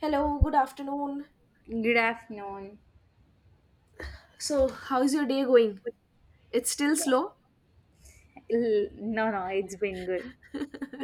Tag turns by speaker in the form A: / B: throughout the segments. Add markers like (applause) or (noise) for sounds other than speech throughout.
A: Hello, good afternoon.
B: Good afternoon.
A: So, how's your day going? It's still
B: Yeah.
A: slow?
B: L- No, no, it's been good.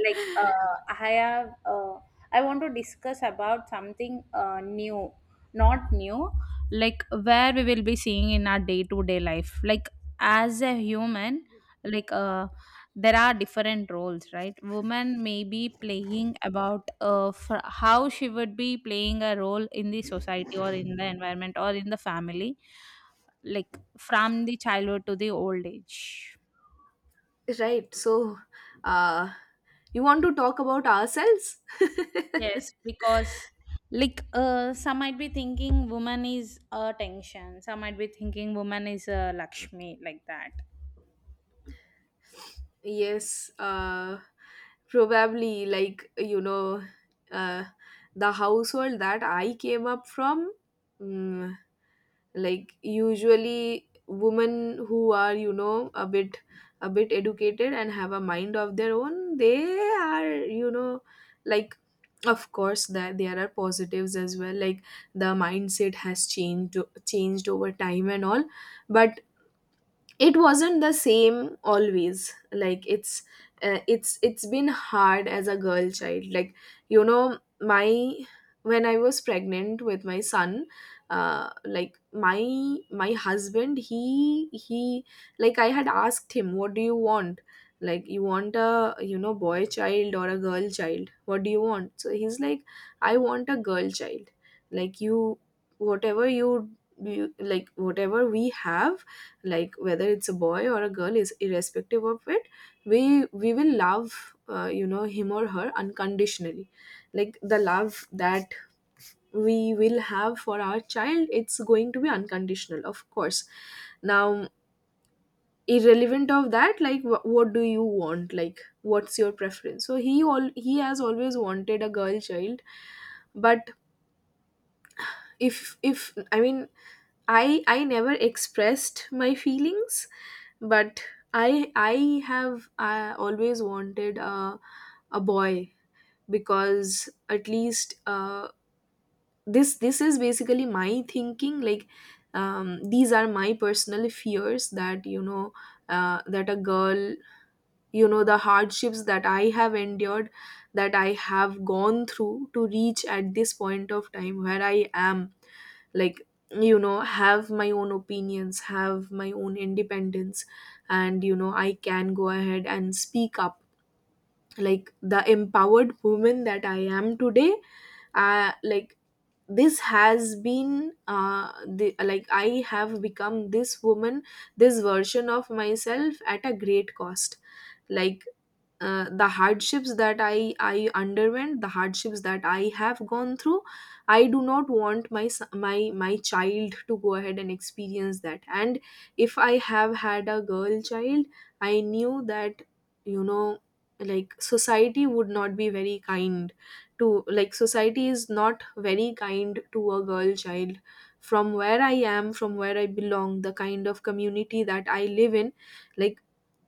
B: I have, I want to discuss about something new, not new, like where we will be seeing in our day to day life. Like, as a human, like, uh, there are different roles, right? Woman may be playing about for how she would be playing a role in the society or in the environment or in the family, like from the childhood to the old age.
A: Right. So, uh, you want to talk about ourselves?
B: Yes, because some might be thinking woman is a tension, some might be thinking woman is a Lakshmi, like that.
A: Yes, probably like uh, the household that I came up from, mm, like usually women who are a bit educated and have a mind of their own, they are, like, of course that there are positives as well, like the mindset has changed over time and all, but it wasn't the same always, like it's, it's been hard as a girl child, like you know my when I was pregnant with my son, like my husband, he like I had asked him, what do you want? Like, you want a, boy child or a girl child, what do you want? So he's like, I want a girl child. Like you, whatever you, you like, whatever we have, like whether it's a boy or a girl is irrespective of it, we will love, him or her unconditionally. Like the love that we will have for our child, it's going to be unconditional, of course. Now, irrelevant of that, like, what do you want, like what's your preference? So he, all he has always wanted a girl child. But if I mean, I never expressed my feelings, but I have, always wanted a boy, because at least, this is basically my thinking. Like, these are my personal fears that, that a girl, the hardships that I have endured, that I have gone through to reach at this point of time where I am, like, have my own opinions, have my own independence, and, I can go ahead and speak up, like the empowered woman that I am today. Like this has been, like I have become this woman, this version of myself at a great cost. Like, the hardships that I underwent, the hardships that I have gone through, I do not want my child to go ahead and experience that. And if I have had a girl child, I knew that, you know like, society would not be very kind to, like, society is not very kind to a girl child from where I am, from where I belong, the kind of community that I live in. Like,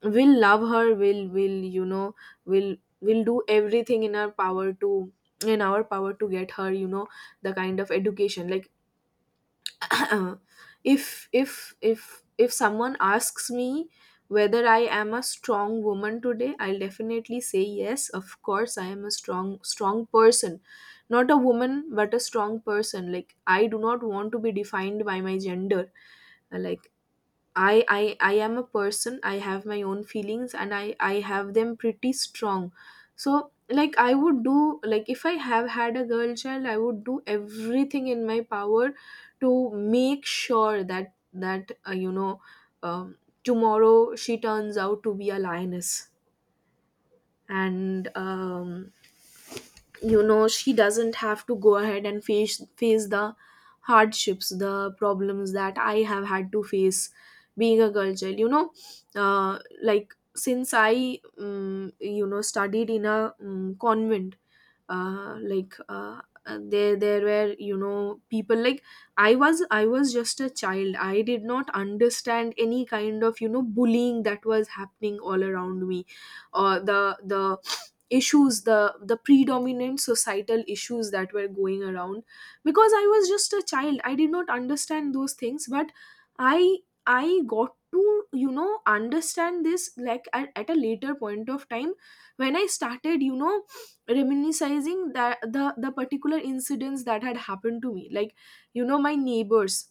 A: we'll love her, we'll will, we'll do everything in our power to, get her, the kind of education. Like, (clears throat) if someone asks me whether I am a strong woman today, I'll definitely say yes, of course I am a strong, person. Not a woman but a strong person, like I do not want to be defined by my gender. Like, I am a person, I have my own feelings and I have them pretty strong. So, like, I would do, like, if I have had a girl child, I would do everything in my power to make sure that um, tomorrow she turns out to be a lioness, and, she doesn't have to go ahead and face the hardships, the problems that I have had to face, being a girl child, uh, like since I, studied in a, convent, like, there were, people. Like, I was just a child, I did not understand any kind of, bullying that was happening all around me, or the, issues, the, predominant societal issues that were going around, because I was just a child, I did not understand those things. But I, got to, understand this, like, at a later point of time, when I started, reminiscing that, the, particular incidents that had happened to me. Like, my neighbors,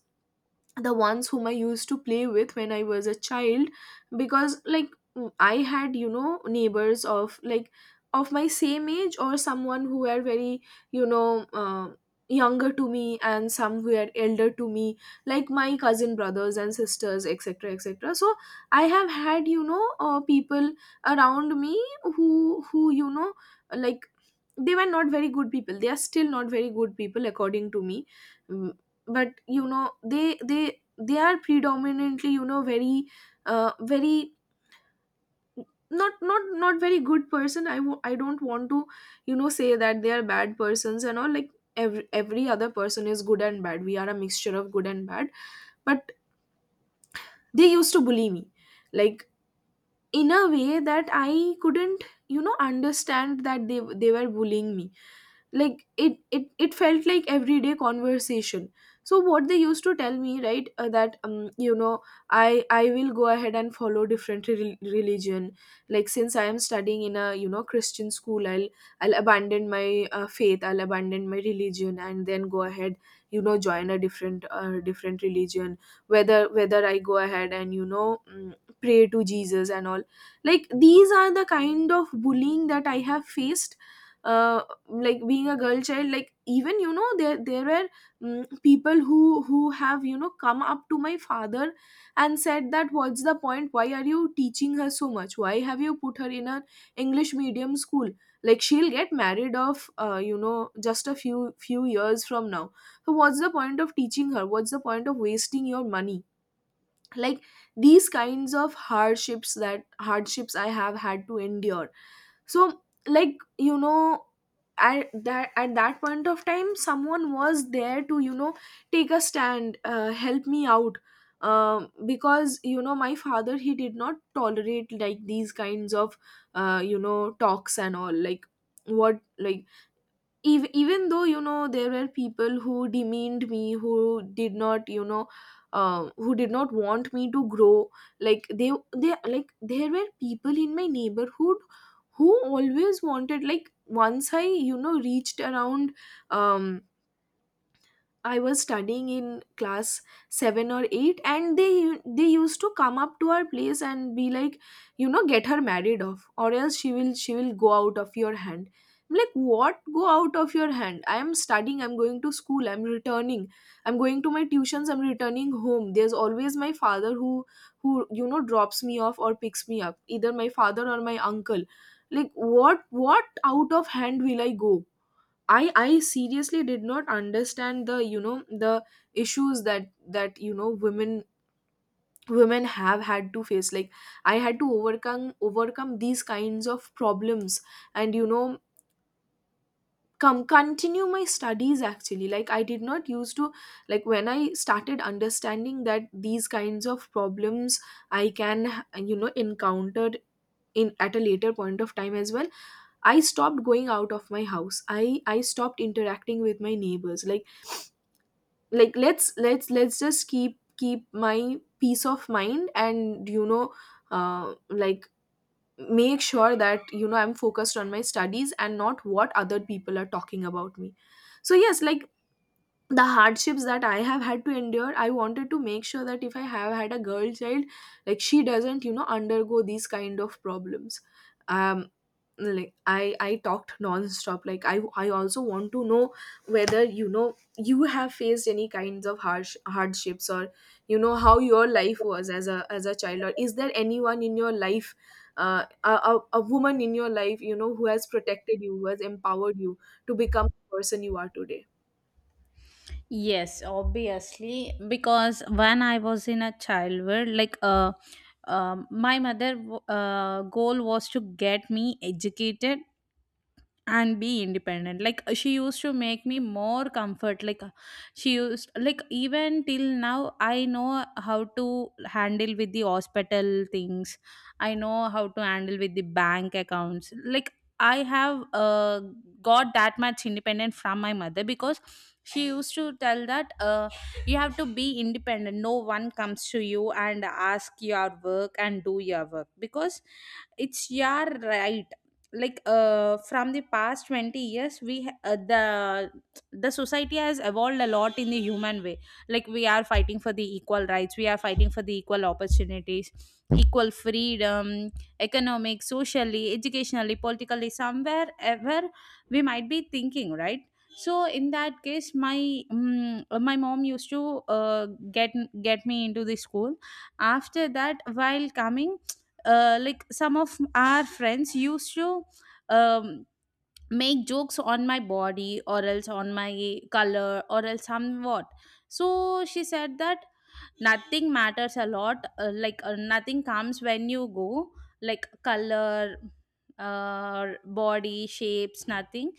A: the ones whom I used to play with when I was a child. Because, like, I had, neighbors of like, of my same age or someone who were very, you know uh, younger to me, and some who were elder to me, like my cousin brothers and sisters, etc, etc. So, I have had, people around me who, like, they were not very good people, they are still not very good people according to me. Mm, but they are predominantly, very, very, not very good person. I don't want to, say that they are bad persons and all. Like, every, other person is good and bad, we are a mixture of good and bad, but they used to bully me, like, in a way that I couldn't, understand that they were bullying me. Like it felt like everyday conversation. So what they used to tell me, right, that, I will go ahead and follow different, religion. Like, since I am studying in a, Christian school, I'll abandon my, faith, I'll abandon my religion and then go ahead, join a different, different religion. Whether, I go ahead and, pray to Jesus and all. Like, these are the kind of bullying that I have faced. Uh like, being a girl child, like, even, there were, people who, have, come up to my father and said that, what's the point, why are you teaching her so much, why have you put her in an english medium school, like she'll get married off, just a few years from now. So what's the point of teaching her, what's the point of wasting your money? Like, these kinds of hardships I have had to endure. So, like, at that, point of time, someone was there to, take a stand, help me out. Because, my father, he did not tolerate, like, these kinds of, talks and all. Like, what, like, even, though, there were people who demeaned me, who did not, who did not want me to grow. Like, they like, there were people in my neighborhood who always wanted, like, once I, reached around, um I was studying in class 7 or 8, and they used to come up to our place and be like, get her married off, or else she will go out of your hand. I'm like, what, go out of your hand? I am studying, I'm going to school, I'm returning, I'm going to my tuitions, I'm returning home, there's always my father who, drops me off or picks me up, either my father or my uncle. Like, what, out of hand will I go? I seriously did not understand the, the issues that, women, have had to face. Like, I had to overcome these kinds of problems and, come continue my studies. Actually, like, I did not used to, like, when I started understanding that these kinds of problems I can, encountered in at a later point of time as well, I stopped going out of my house, I stopped interacting with my neighbors. Like let's just keep my peace of mind, and, like, make sure that, I'm focused on my studies and not what other people are talking about me. So yes, like, the hardships that I have had to endure, I wanted to make sure that if I have had a girl child, like, she doesn't, undergo these kind of problems. um like, I talked non-stop, like, I also want to know whether, you have faced any kinds of harsh hardships, or, how your life was as a, child, or is there anyone in your life, a woman in your life, who has protected you, who has empowered you to become the person you are today.
B: Yes, obviously, because when I was in a childhood, my mother goal was to get me educated and be independent she used to make me more comfort she used like even till now I know how to handle with the hospital things, I know how to handle with the bank accounts, like I have got that much independent from my mother because she used to tell that you have to be independent, no one comes to you and ask your work and do your work because it's your right. From the past 20 years we ha- the society has evolved a lot in the human way, like we are fighting for the equal rights, we are fighting for the equal opportunities, equal freedom, economic, socially, educationally, politically, somewhere ever we might be thinking, right? So in that case my mom used to get get me into the school. After that, while coming, like some of our friends used to um, make jokes on my body or else on my color or else somewhat. So she said that nothing matters a lot, nothing comes when you go, like color, uh, body shapes, nothing.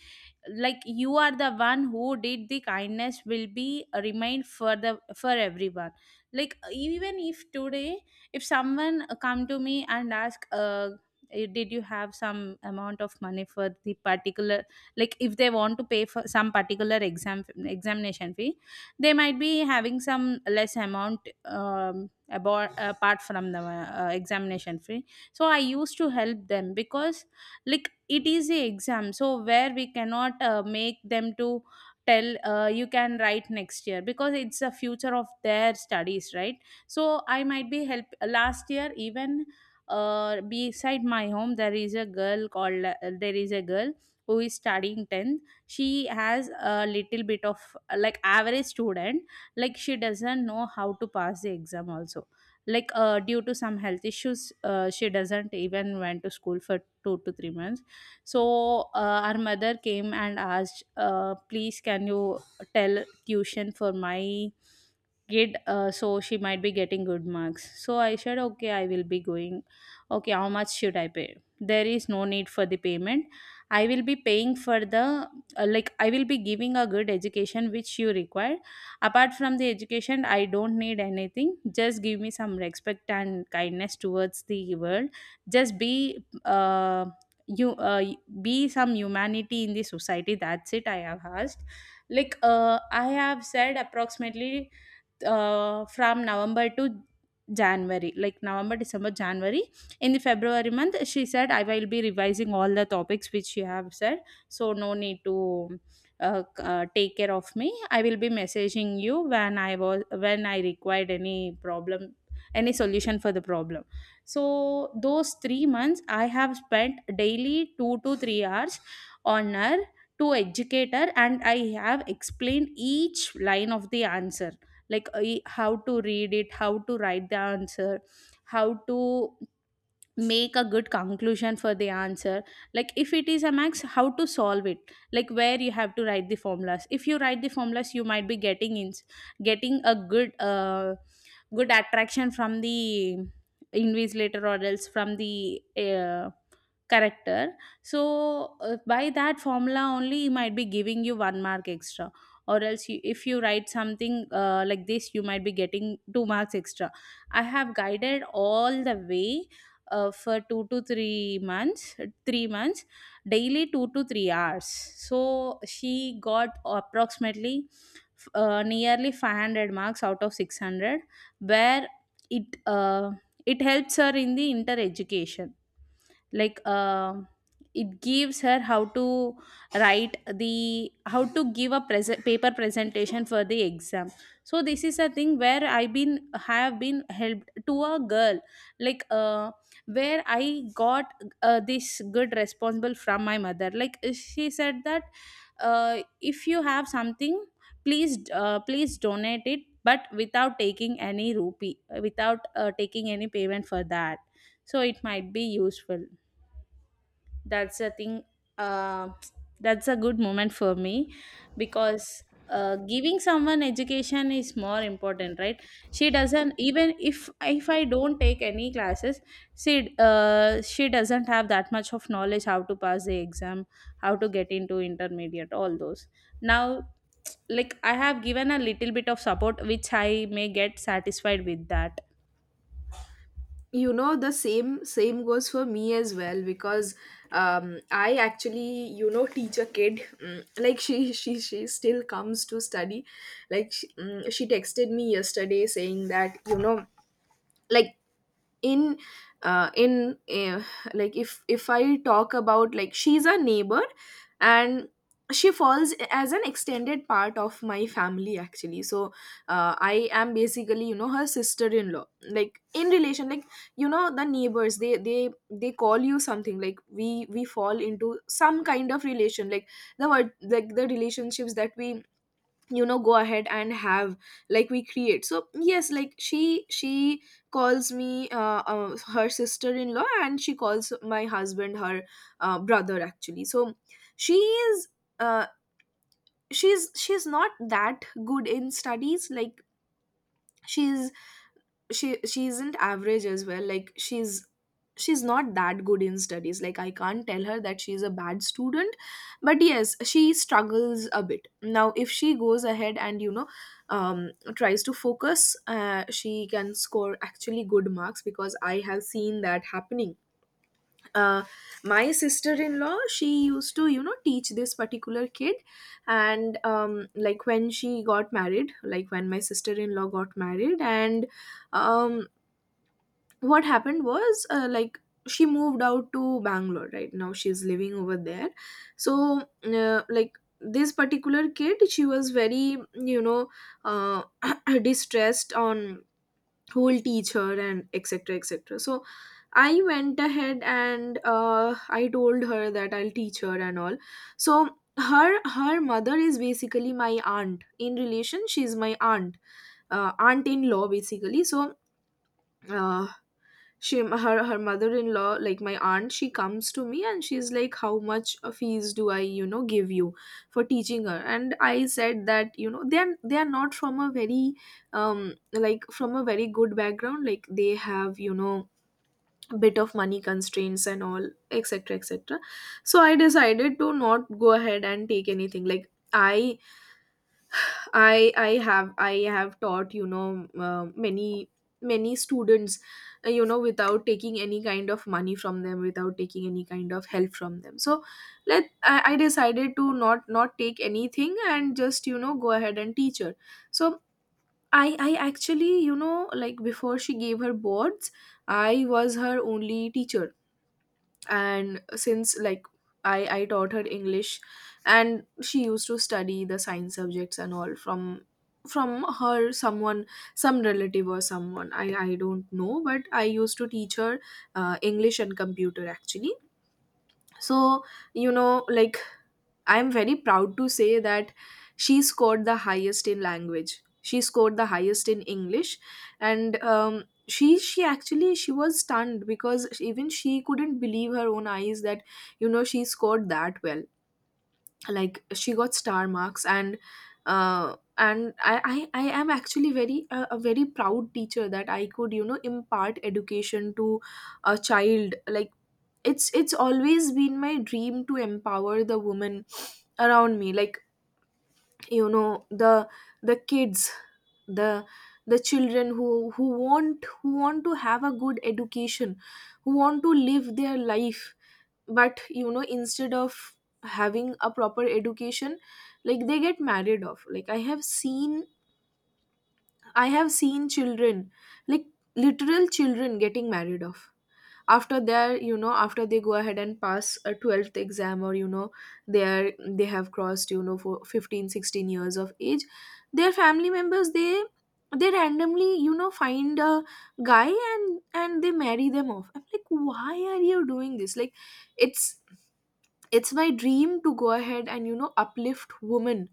B: Like you are the one who did the kindness will be remained for the for everyone. Like even if today if someone come to me and ask did you have some amount of money for the particular, like if they want to pay for some particular examination fee, they might be having some less amount, um, about apart from the examination fee. So I used to help them because like it is a exam, so where we cannot make them to tell, you can write next year because it's the future of their studies, right? So I might be help last year even, beside my home there is a girl who is studying tenth. She has a little bit of like average student, like she doesn't know how to pass the exam also. Due to some health issues, she doesn't even went to school for 2 to 3 months. So our mother came and asked, please can you tell tuition for my get so she might be getting good marks. So I said okay, I will be going. Okay, how much should I pay? There is no need for the payment. I will be paying for the like I will be giving a good education which you require. Apart from the education, I don't need anything, just give me some respect and kindness towards the world. Just you uh, be some humanity in the society, that's it I have asked. I have said approximately from November to January, like November, December, January. In the February month, she said, I will be revising all the topics which you have said. So, no need to take care of me. I will be messaging you when I required any problem, any solution for the problem. So, those 3 months, I have spent daily 2 to 3 hours on her to educate her, and I have explained each line of the answer, like I- how to read it, how to write the answer, how to make a good conclusion for the answer. Like if it is a max, how to solve it, like where you have to write the formulas. If you write the formulas, you might be getting a good good attraction from the invigilator or else from the uh, Character. So, by that formula only, he might be giving you one mark extra. Or else, you, if you write something like this, you might be getting two marks extra. I have guided all the way for 2 to 3 months, 3 months, daily 2 to 3 hours. So, she got approximately nearly 500 marks out of 600, where it uh, it helps her in the inter education, like uh, it gives her how to write the how to give a present paper presentation for the exam. So this is a thing where I been have been helped to a girl, like uh, where I got this good responsible from my mother. Like she said that if you have something, please donate it but without taking any rupee, without taking any payment for that, so it might be useful. That's a thing, uh, that's a good moment for me because giving someone education is more important, right? She doesn't even if I don't take any classes, she doesn't have that much of knowledge how to pass the exam, how to get into intermediate, all those. Now, like I have given a little bit of support, which I may get satisfied with that.
A: The same goes for me as well, because I actually, teach a kid. Like she still comes to study. Like she, she texted me yesterday saying that, like, in, in, like if I talk about, like, she's a neighbor, and she falls as an extended part of my family, actually. So, I am basically, her sister in law, like, in relation, like, you know, the neighbors, they call you something like we fall into some kind of relation, like the word, like the relationships that we you know go ahead and have, like we create. So yes, like she calls me her sister-in-law, and she calls my husband her brother actually. So she is, uh, she's not that good in studies, like she's, she isn't average as well, like she's not that good in studies, like I can't tell her that she's a bad student. But yes, she struggles a bit. Now if she goes ahead and you know tries to focus, she can score actually good marks, because I have seen that happening. uh, my sister-in-law, she used to you know teach this particular kid, and like when she got married, like when my sister-in-law got married, and um what happened was, like, she moved out to Bangalore. Right now she's living over there. So, like, this particular kid, she was very, you know, uh, (clears throat) distressed on who will teach her, and etc etc. So I went ahead and, I told her that I'll teach her and all. So her mother is basically my aunt. In relation, she's my aunt, aunt in law basically. So, uh, she, her mother-in-law, like my aunt, she comes to me and she's like, how much fees do I you know give you for teaching her? And I said that you know they're not from a very, like, from a very good background, like they have you know bit of money constraints and all, etc etc. So I decided to not go ahead and take anything. Like, I I have taught, you know, many many students, you know, without taking any kind of money from them, without taking any kind of help from them. So, let, I decided to not not take anything and just you know go ahead and teach her. So I actually, you know, like, before she gave her boards, I was her only teacher. And since, like, I taught her English. And she used to study the science subjects and all from her someone, some relative or someone, I don't know, but I used to teach her English and computer actually. So, you know, like, I'm very proud to say that she scored the highest in language. She scored the highest in English, and she actually, she was stunned, because even she couldn't believe her own eyes that you know she scored that well. Like, she got star marks. And I am actually very, a very proud teacher, that I could you know impart education to a child. Like, it's always been my dream to empower the women around me. Like, you know, the kids, the the children who want to have a good education, who want to live their life. But you know instead of having a proper education, like, they get married off. Like, I have seen, I have seen children, like, literal children getting married off after their, you know, after they go ahead and pass a 12th exam, or you know they have crossed, you know, for 15, 16 years of age. Their family members, they randomly, you know, find a guy, and they marry them off. I'm like, why are you doing this? Like, it's it's my dream to go ahead and, you know, uplift women,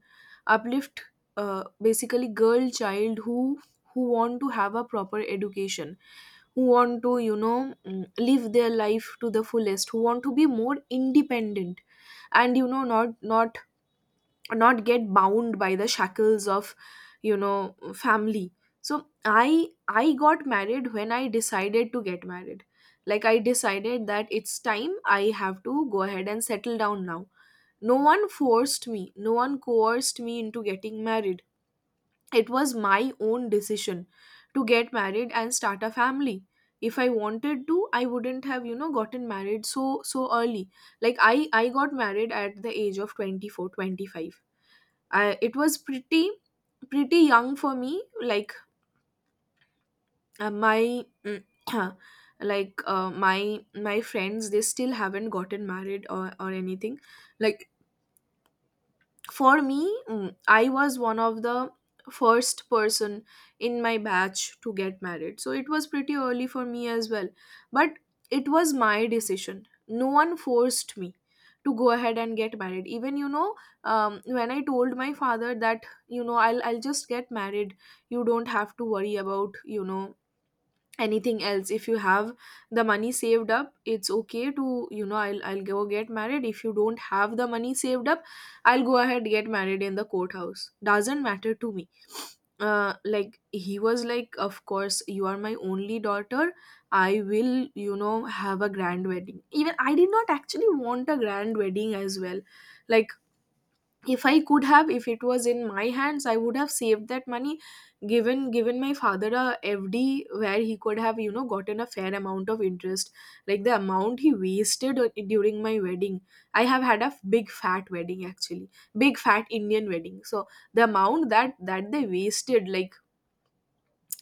A: uplift, basically, girl child, who want to have a proper education, who want to, you know, live their life to the fullest, who want to be more independent, and, you know, not, not not get bound by the shackles of, you know, family. So, i I got married when I decided to get married. Like, I decided that it's time, I have to go ahead and settle down now. No one forced me, no one coerced me into getting married. It was my own decision to get married and start a family. If I wanted to, I wouldn't have, you know, gotten married so so early. Like, I got married at the age of 24, 25. 25. It was pretty pretty young for me. Like, my (clears throat) like, my friends, they still haven't gotten married or anything. Like, for me, I was one of the first person in my batch to get married, so it was pretty early for me as well. But it was my decision, no one forced me to go ahead and get married. Even, you know, when I told my father that, you know, I'll just get married, you don't have to worry about, you know, anything else. If you have the money saved up, it's okay. To, you know, I'll go get married, if you don't have the money saved up, I'll go ahead, get married in the courthouse, doesn't matter to me. Like, he was like, of course, you are my only daughter, I will, you know, have a grand wedding. Even I did not actually want a grand wedding as well. Like, if I could have, if it was in my hands, I would have saved that money, given my father a fd where he could have, you know, gotten a fair amount of interest. Like, the amount he wasted during my wedding, I have had a big fat wedding actually, big fat Indian wedding. So the amount that they wasted, like,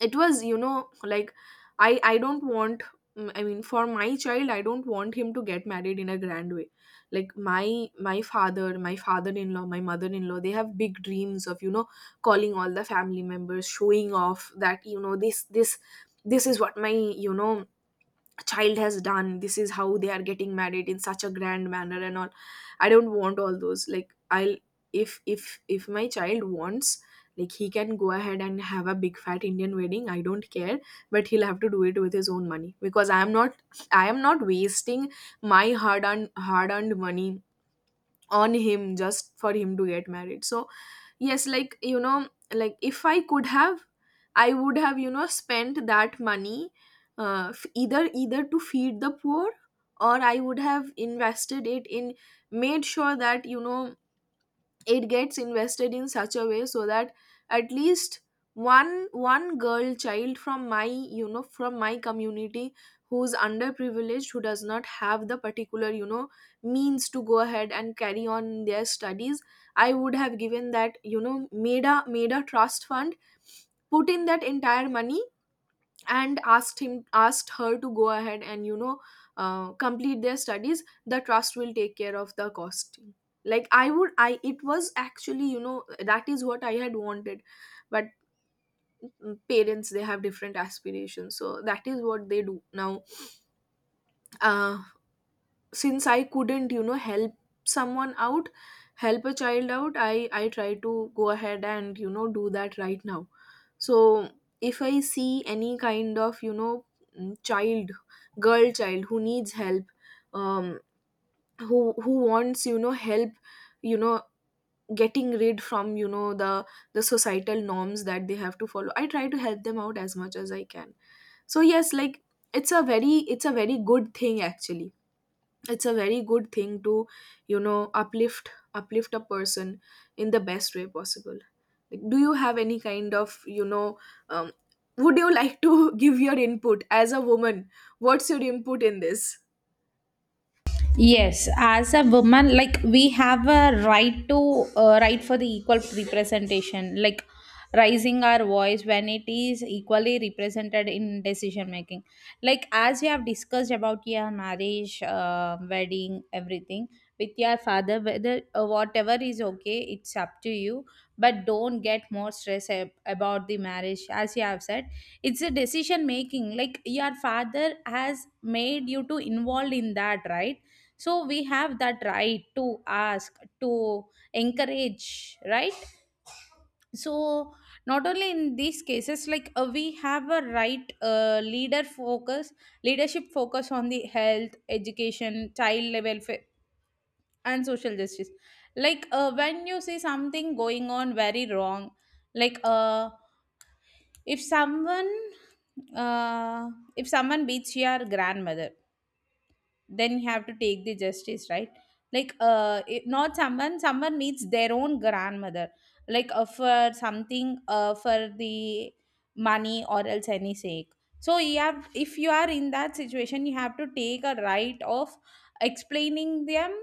A: it was, you know, like, I don't want, I mean, for my child, I don't want him to get married in a grand way. Like, my, father, my father-in-law, my mother-in-law, they have big dreams of, you know, calling all the family members, showing off that, you know, this, this is what my, you know, child has done, this is how they are getting married in such a grand manner, and all. I don't want all those, like, I'll, if, if my child wants, like, he can go ahead and have a big fat Indian wedding, I don't care. But he'll have to do it with his own money, because I am not, I am not wasting my hard earned money on him just for him to get married. So yes, like, you know, like, if I could have, I would have, you know, spent that money, either, either to feed the poor, or I would have invested it in, made sure that, you know, it gets invested in such a way so that at least one girl child from my, you know, from my community, who's underprivileged, who does not have the particular, you know, means to go ahead and carry on their studies, I would have given that, you know, made a, made a trust fund, put in that entire money, and asked him, asked her to go ahead and, you know, complete their studies. The trust will take care of the costing. Like, I would, I it was actually, you know, that is what I had wanted. But, parents, they have different aspirations, so that is what they do now. uh, since I couldn't, you know, help someone out, help a child out, I try to go ahead and, you know, do that right now. So if I see any kind of, you know, child, girl child, who needs help, um who wants, you know, help, you know, getting rid from, you know, the societal norms that they have to follow, I try to help them out as much as I can. So yes, like, it's a very good thing actually. It's a very good thing to, you know, uplift, uplift a person in the best way possible. Like, do you have any kind of, you know, um, would you like to (laughs) give your input as a woman? What's your input in this?
B: Yes, as a woman, like we have a right to right for the equal representation, like raising our voice when it is equally represented in decision making. Like as you have discussed about your marriage, wedding, everything with your father, whether whatever is okay, it's up to you. But don't get more stress about the marriage, as you have said. It's a decision making. Like your father has made you to involved in that, right? So we have that right to ask to encourage, right? So not only in these cases, we have a leadership focus on the health, education, child welfare and social justice. When you see something going on very wrong, like uh, if someone uh, if someone beats your grandmother, then you have to take the justice, right? Not someone needs their own grandmother, for something for the money or else any sake. So you have, if you are in that situation, you have to take a right of explaining them,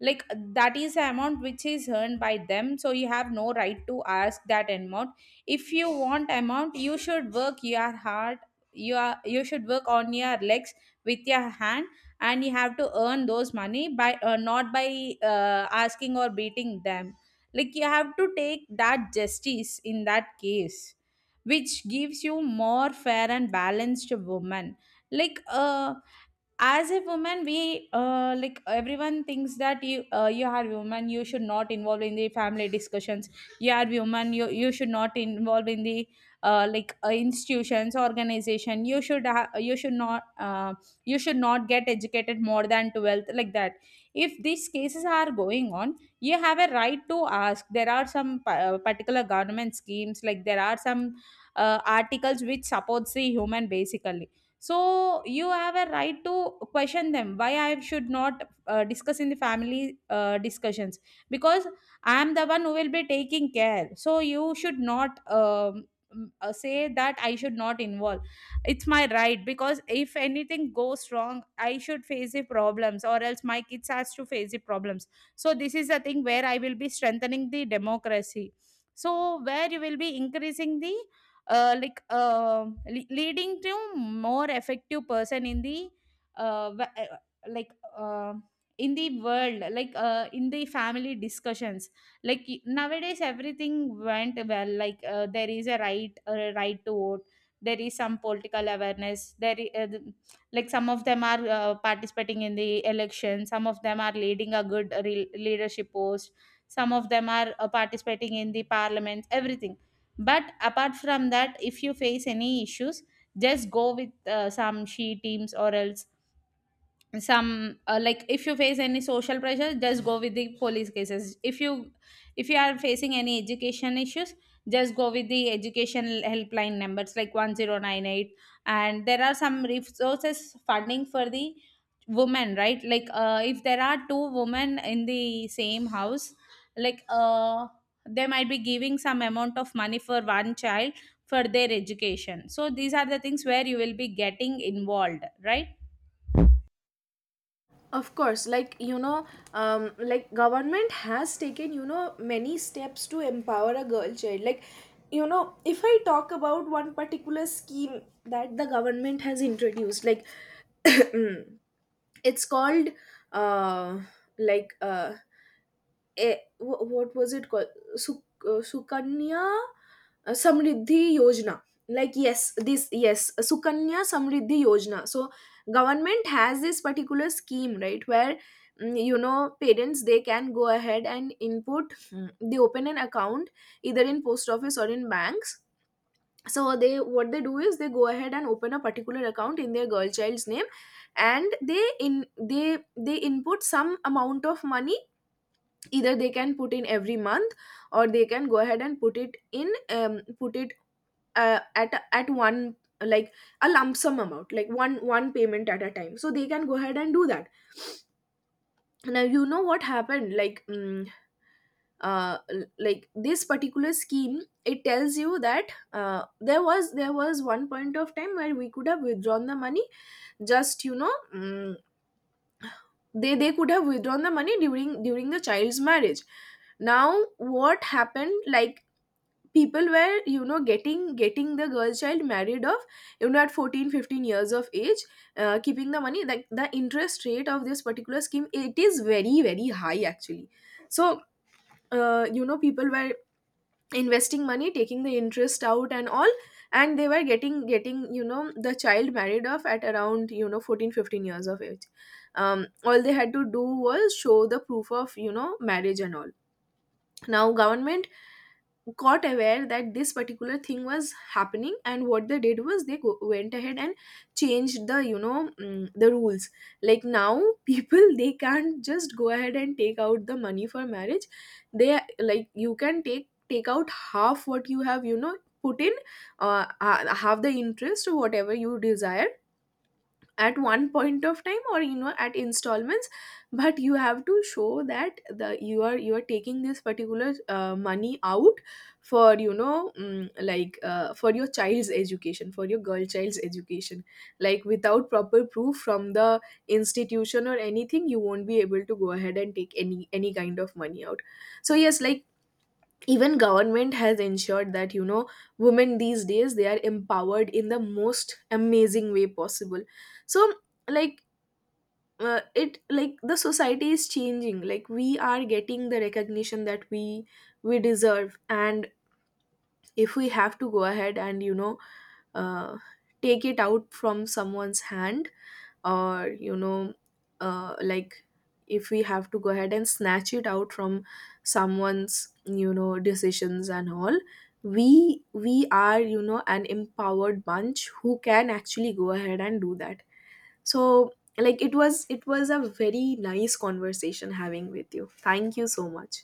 B: like that is the amount which is earned by them, so you have no right to ask that amount. If you want amount, you should work your hard, you should work on your legs with your hand, and you have to earn those money by not by asking or beating them. Like you have to take that justice in that case, which gives you more fair and balanced woman. like uh as a woman we like everyone thinks that you are woman, you should not involve in the family discussions. You are woman, you should not involve in the institutions, organization, you should you should not get educated more than 12th, like that. If these cases are going on, you have a right to ask. There are some particular government schemes, like there are some articles which supports the human basically. So you have a right to question them, why I should not discuss in the family discussions, because I am the one who will be taking care. So you should not say that I should not involve. It's my right, because if anything goes wrong, I should face the problems or else my kids has to face the problems. So this is the thing where I will be strengthening the democracy. So where you will be increasing the leading to more effective person in the uh, wa- uh, like uh, in the world, like in the family discussions. Nowadays everything went well, there is a right to vote, there is some political awareness there, like some of them are participating in the election, some of them are leading a good leadership post, some of them are participating in the parliament, everything. But apart from that, if you face any issues, just go with some she teams or else some, like if you face any social pressure, just go with the police cases. If you, if you are facing any education issues, just go with the education helpline numbers like 1098. And there are some resources funding for the women right, if there are two women in the same house, like uh, they might be giving some amount of money for one child for their education. So these are the things where you will be getting involved, right?
A: Of course, like, you know, like, government has taken, you know, many steps to empower a girl child. Like, you know, if I talk about one particular scheme that the government has introduced. Like, (coughs) it's called, uh like, what was it called? Sukanya Samriddhi Yojana. Like, yes, this, yes, Sukanya Samriddhi Yojana. So government has this particular scheme, right, where, you know, parents, they can go ahead and input, they open an account either in post office or in banks. So, they, what they do is, they go ahead and open a particular account in their girl child's name, and they in, they they input some amount of money. Either they can put in every month, or they can go ahead and put it in, put it, at one, like a lump sum amount, like one payment at a time. So they can go ahead and do that. Now, you know what happened, like, like, this particular scheme, it tells you that, there was one point of time where we could have withdrawn the money, just, you know, they could have withdrawn the money during the child's marriage. Now, what happened, like, people were, you know, getting the girl child married off, you know, at 14 15 years of age, keeping the money. Like, the interest rate of this particular scheme, it is very very high actually. So, you know, people were investing money, taking the interest out and all, and they were getting, you know, the child married off at around, you know, 14 15 years of age. All they had to do was show the proof of, you know, marriage and all. Now, government got aware that this particular thing was happening, and what they did was, went ahead and changed the, you know, the rules. Like, now, (laughs) people, they can't just go ahead and take out the money for marriage. They, like, you can take, out half what you have, you know, put in, half the interest or whatever you desire, at one point of time, or, you know, at installments. But you have to show that the, you are, you are taking this particular money out for, you know, like, for your child's education, for your girl child's education. Like, without proper proof from the institution or anything, you won't be able to go ahead and take any kind of money out. So yes, like, even government has ensured that, you know, women these days, they are empowered in the most amazing way possible. So, like, it, like, the society is changing, like we are getting the recognition that we deserve. And if we have to go ahead and, you know, uh, take it out from someone's hand, or, you know, like, if we have to go ahead and snatch it out from someone's, you know, decisions and all, we, are, you know, an empowered bunch who can actually go ahead and do that. So, like, it was a very nice conversation having with you. Thank you so much.